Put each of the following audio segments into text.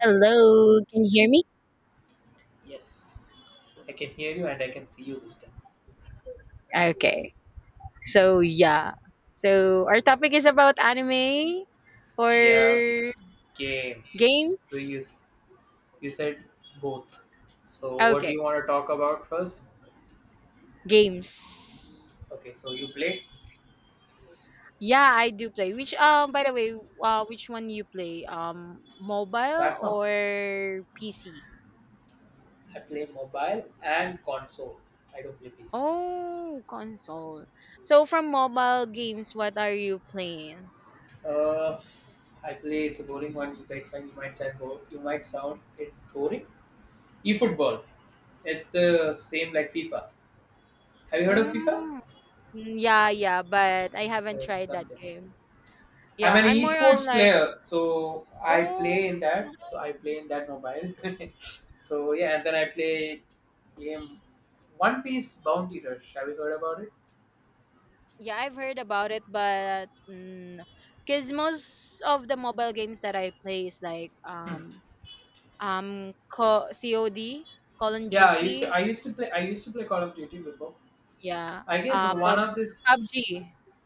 Hello, can you hear me? Yes, I can hear you and I can see you this time. Okay. So yeah. So our topic is about anime or Yeah, games. games. So you said both. So what do Okay, you want to talk about first? games. Okay, so you play Yeah, I do play. Which by the way, which one you play? Mobile platform. or PC? I play mobile and console. I don't play PC. Oh, console. So from mobile games, what are you playing? Uh, I play. It's a boring one. You might find you might sound bo- You might sound it boring. E football. It's the same like FIFA. Have you heard of FIFA? Mm, yeah, yeah, but I haven't So it's tried that something. game. I'm Yeah, an I'm more on esports like. player, so I Oh, play in that. So I play in nice. that mobile. So yeah, and then I play game One Piece Bounty Rush. Have you heard about it? Yeah, I've heard about it, but because most of the mobile games that I play is like Co COD, Call of Yeah, I used to. Duty, I used to play. I used to play Call of Duty before. yeah, I guess uh one Pub of this. PUBG,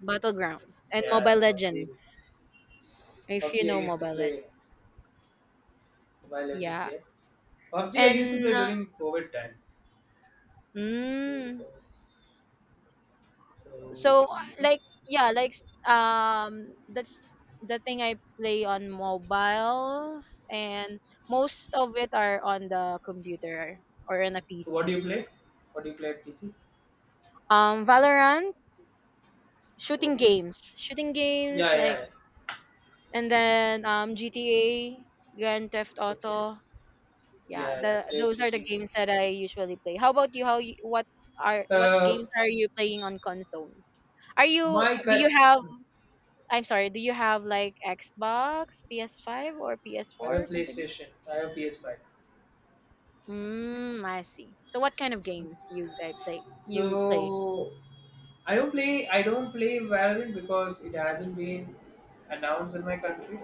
Battlegrounds, and Mobile Yeah, PUBG. Legends. If you PUBG. I know used to Mobile play Legends, Mobile Legends. yeah, Yes, PUBG. I used to play and during COVID time. During the mm, COVID. So, so you know. like yeah like that's the thing I play on mobiles, and most of it are on the computer or on a So what do PC. you play? What do you play at PC? Valorant, shooting Okay. games shooting Yeah, games yeah. like. Yeah. And then GTA, grand theft Okay. auto, yeah, Yeah, yeah, the played those are the GT. games that I usually play. How about you? How you, what are what Uh, games are you playing on console? Are you my do you cut. have I'm sorry, do you have like Xbox, PS5 or I have a PS4 or something? PlayStation. I have PS5. Mm, I see. So what kind of games you guys play? You play? So I don't play. I don't play Valorant because it hasn't been announced in my country.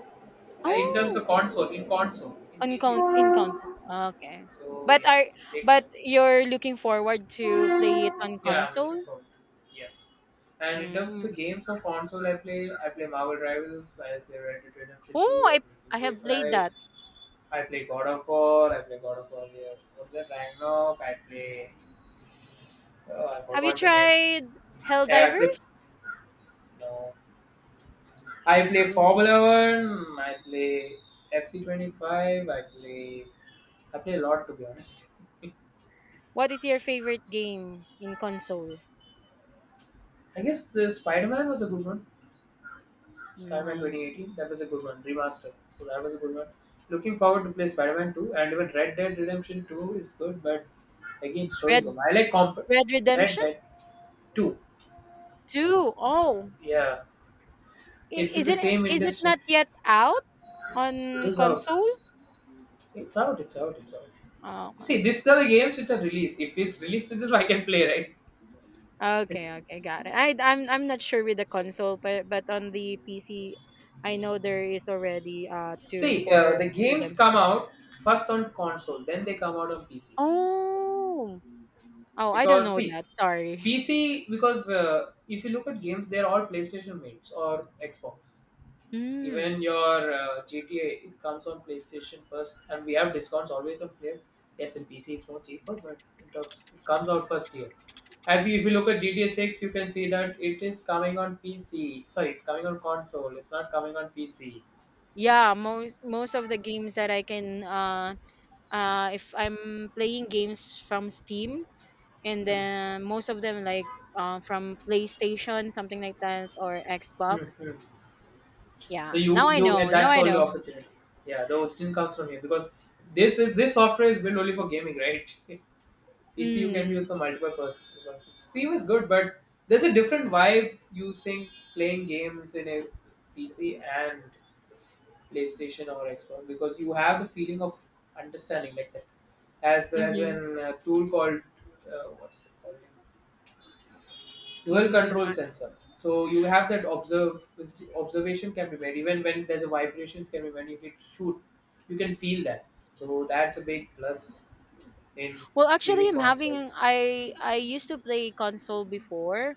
In terms Oh, of console, in console, in on PC con it's in announced. console. Okay. So But yeah, are it takes but time. you're looking forward to play it on Yeah, I'm looking console? forward. Yeah, and in terms of Mm. the games on console, I play. I play Marvel Rivals. I play Red Dead Redemption Oh, Two. I I play I GTA have played Five. that. I play God of War. I play God of War. Yeah. What's that? Ragnarok. I play. Oh, I Have you forgot the names. tried Yeah, I play. Helldivers? No. I play Mm. Formula One. I play FC 25. I play. I play a lot to be honest. What is your favorite game in console? I guess the Spider Man was a good one. Spider Man Twenty Nice. Eighteen. That was a good one. Remaster. So that was a good one. Looking forward to play Spider Man Two, and even Red Dead Redemption Two is good, but again story. Red Go. I like comp. Red Red Redemption Dead Two. 2. It's Oh, yeah. I- It's in Is the it same is it industry. not yet out It on is out. console? It's out. It's out. It's out. Oh, okay. See, these are the games which are released. If it's released, digital, I can play, right? Okay, okay, got it. I'm not sure with the console, but on the PC, I know there is already two See, for the games come redemption. out first on console, then they come out on PC. Oh, oh, I don't Because know see, that. Sorry. PC because if you look at games, they're all PlayStation made or Xbox. Even Hmm. your GTA it comes on PlayStation first, and we have discounts always on PS. Yes, in PC it's more cheaper, but in terms it comes out first year. If you look at GTA 6, you can see that it is coming on PC. Sorry, it's coming on console. It's not coming on PC. Yeah, most of the games that I can if I'm playing games from Steam, and Mm, then most of them like from PlayStation, something like that, or Xbox. mm, mm. So Yeah, you now I you and know. Now that's I all your know. opportunity. Yeah, the origin comes from here because this software is built only for gaming, right? PCU can be used Mm. for multiple purposes. CPU is good, but there's a different vibe using playing games in a PC and PlayStation or Xbox because you have the feeling of understanding like that. As there's a Mhm. Tool called what's it called? Dual Mm. control sensor. So you have that observe observation can be made, even when there's a vibrations can be made. If it shoot, you can feel that. So that's a big plus in Well, actually, gaming I'm having. consoles. I used to play console before,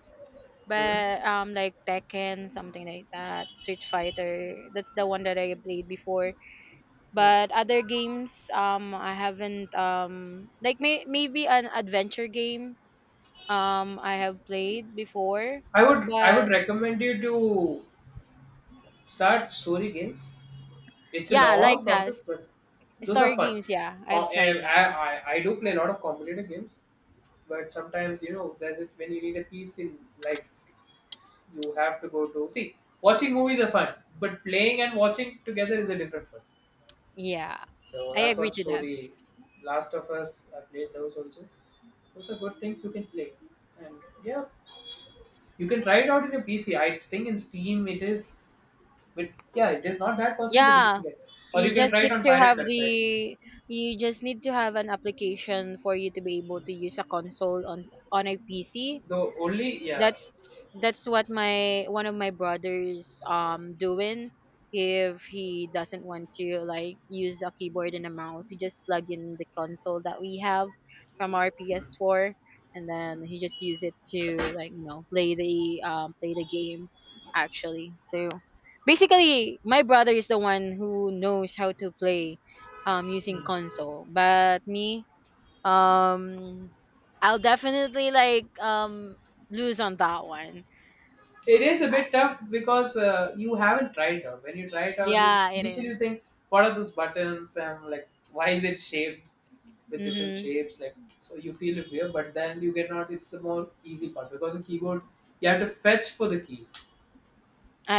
Mhm. but like Tekken, something like that, Street Fighter. That's the one that I played before. But other games, I haven't. Like maybe an adventure game. I have played before, I would but recommend you to start story games. It's a yeah, like long that. process, but those are Story fun. games. Yeah, Com- I've tried and that I, one. I, I do play a lot of competitive games, but sometimes there's just when you need a peace in life, you have to go to see watching movies are fun, but playing and watching together is a different fun. Yeah, So I that's agree what to that. story. Last of Us, I played those also. Those are good things you can play, and yeah, you can try it out in your PC. I think in Steam it is, but yeah, it is not that costly, but you Yeah, can get. Or you you can just try it need on to pirate have websites. An application for you to be able to use a console on a PC. The only, yeah, That's that's what my one of my brothers doing if he doesn't want to like use a keyboard and a mouse. He just plug in the console that we have from our PS4, and then he just use it to, like, play the game actually. So basically my brother is the one who knows how to play using console. But me, um, I'll definitely like lose on that one. it is a bit tough because you haven't tried it out. When you try it out, you Yeah, it initially you is. think, what are those buttons, and like why is it shaped with different Mm-hmm. shapes? Like so you feel it weird, but then you get out. It's the more easy part because the keyboard you have to fetch for the keys.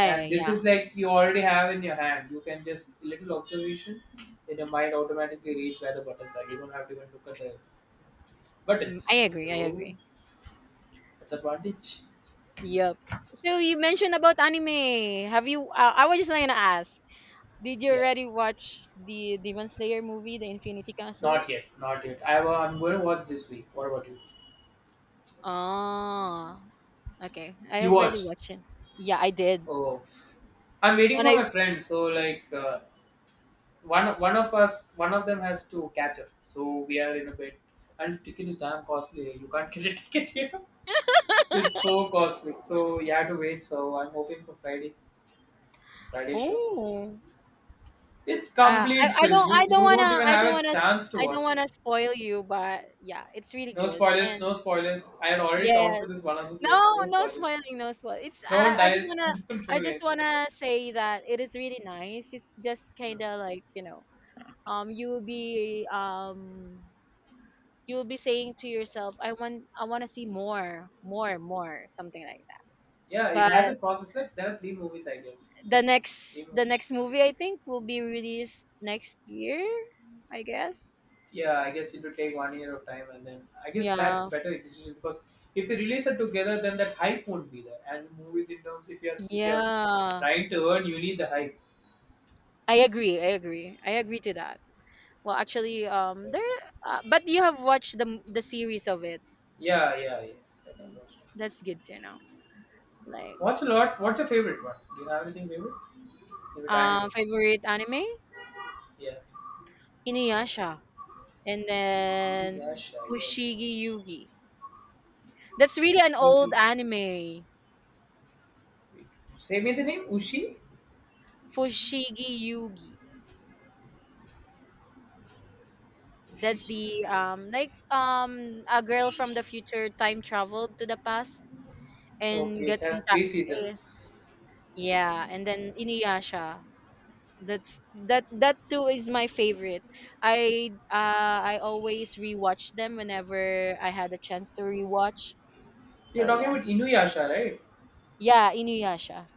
And this Yeah. is, like, you already have in your hand. You can just a little observation in your mind automatically reach where the buttons are. You don't have to even look at the Mm, I buttons, agree. I so agree. that's advantage. Yep. So you mentioned about anime. Have you? I was just like gonna ask. Did you Yeah, already watch the Demon Slayer movie, The Infinity Castle? not yet, not yet. I'm going to watch this week. What about you? Ah, okay. I You already watched? watched it. Yeah, I did. Oh, I'm waiting When for I my friend, so like, one of them has to catch up, so we are in a bit. And ticket is damn costly, you can't get a ticket here. It's so costly, so you have to wait, so I'm hoping for Friday show. Oh. It's Uh, complete, I I Phil. don't You I don't you wanna don't even I have don't a wanna chance to I don't watch it. wanna spoil you, but yeah, it's really No good. spoilers, no And spoilers. I had already talked to yes, this one other place. no No no spoilers. spoiling, no spoil. It's No one I just dies. wanna Don't do anything like that. say that it is really nice. It's just Hmm. kind of like um you'll be um you'll be saying to yourself, I want to see more more more something like Yeah, it that. has But a process. Like there are three movies, I guess. the next Three the movies. next movie I think will be released next year, I guess. Yeah, I guess it will take one year of time, and then I guess that's Yeah. better decision because if you release it together, then that hype won't be there. And movies in terms, if you're Yeah, trying to earn, you need the hype. I agree. I agree. I agree to that. Well, actually, So but you have watched the series of it. yeah, yeah, yes. I got lost. That's good to know. Like, Watch a lot? What's your favorite one? Do you have anything favorite? Favorite anime? Favorite anime Yeah. Inuyasha, and then Inuyasha, yes. Fushigi Yugi. That's really an Ushi. old anime. Wait, say me the name. Ushi. Fushigi Yugi. Ushi. That's the like a girl from the future time traveled to the past and Okay, it got has in three eh, seasons. yeah, and then Inuyasha. That too is my favorite. I uh I always rewatch them whenever I had a chance to rewatch. You're So talking yeah. about Inuyasha, right? Yeah, Inuyasha.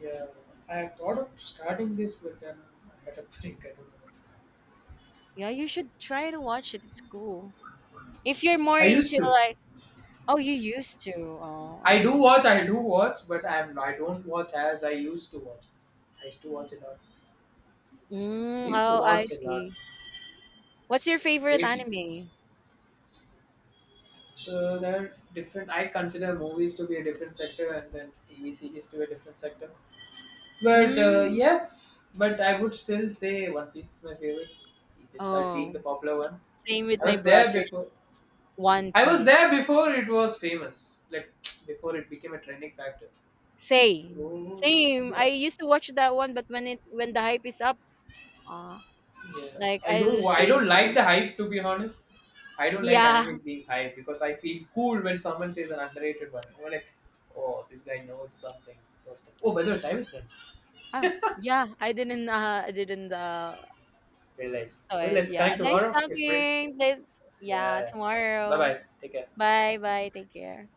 Yeah. I thought of starting this, but then I had a break. I don't know. Yeah, you should try to watch it. It's cool. If you're more I used into to. like. Oh, you used to. Oh, I I do see. watch. I do watch, but I'm. I don't watch as I used to watch. I used to watch a lot. I Mm, used to oh, I watch a lot. see. What's your favorite Lately, anime? so there are different. I consider movies to be a different sector, and then TV series to a different sector. But Mm. yeah, but I would still say One Piece is my favorite, despite being Oh, the popular one. same with I my was there brother. before. One I was Piece. there before it was famous, like before it became a trending factor. Same. So Same. I yeah. used to watch that one, but when the hype is up, uh, Yeah, like I I don't. lose the I don't like interest. the hype. To be honest, I don't like Yeah. animes being hyped because I feel cool when someone says an underrated one. I'm like, oh, this guy knows something. This knows stuff. Oh, by the way, time is done. Oh. Yeah, I didn't Realize. saw Well, it. let's Yeah. connect Nice tomorrow. We're free. talking. Yeah, Yeah. Bye bye. tomorrow. Take care. Bye bye. Take care.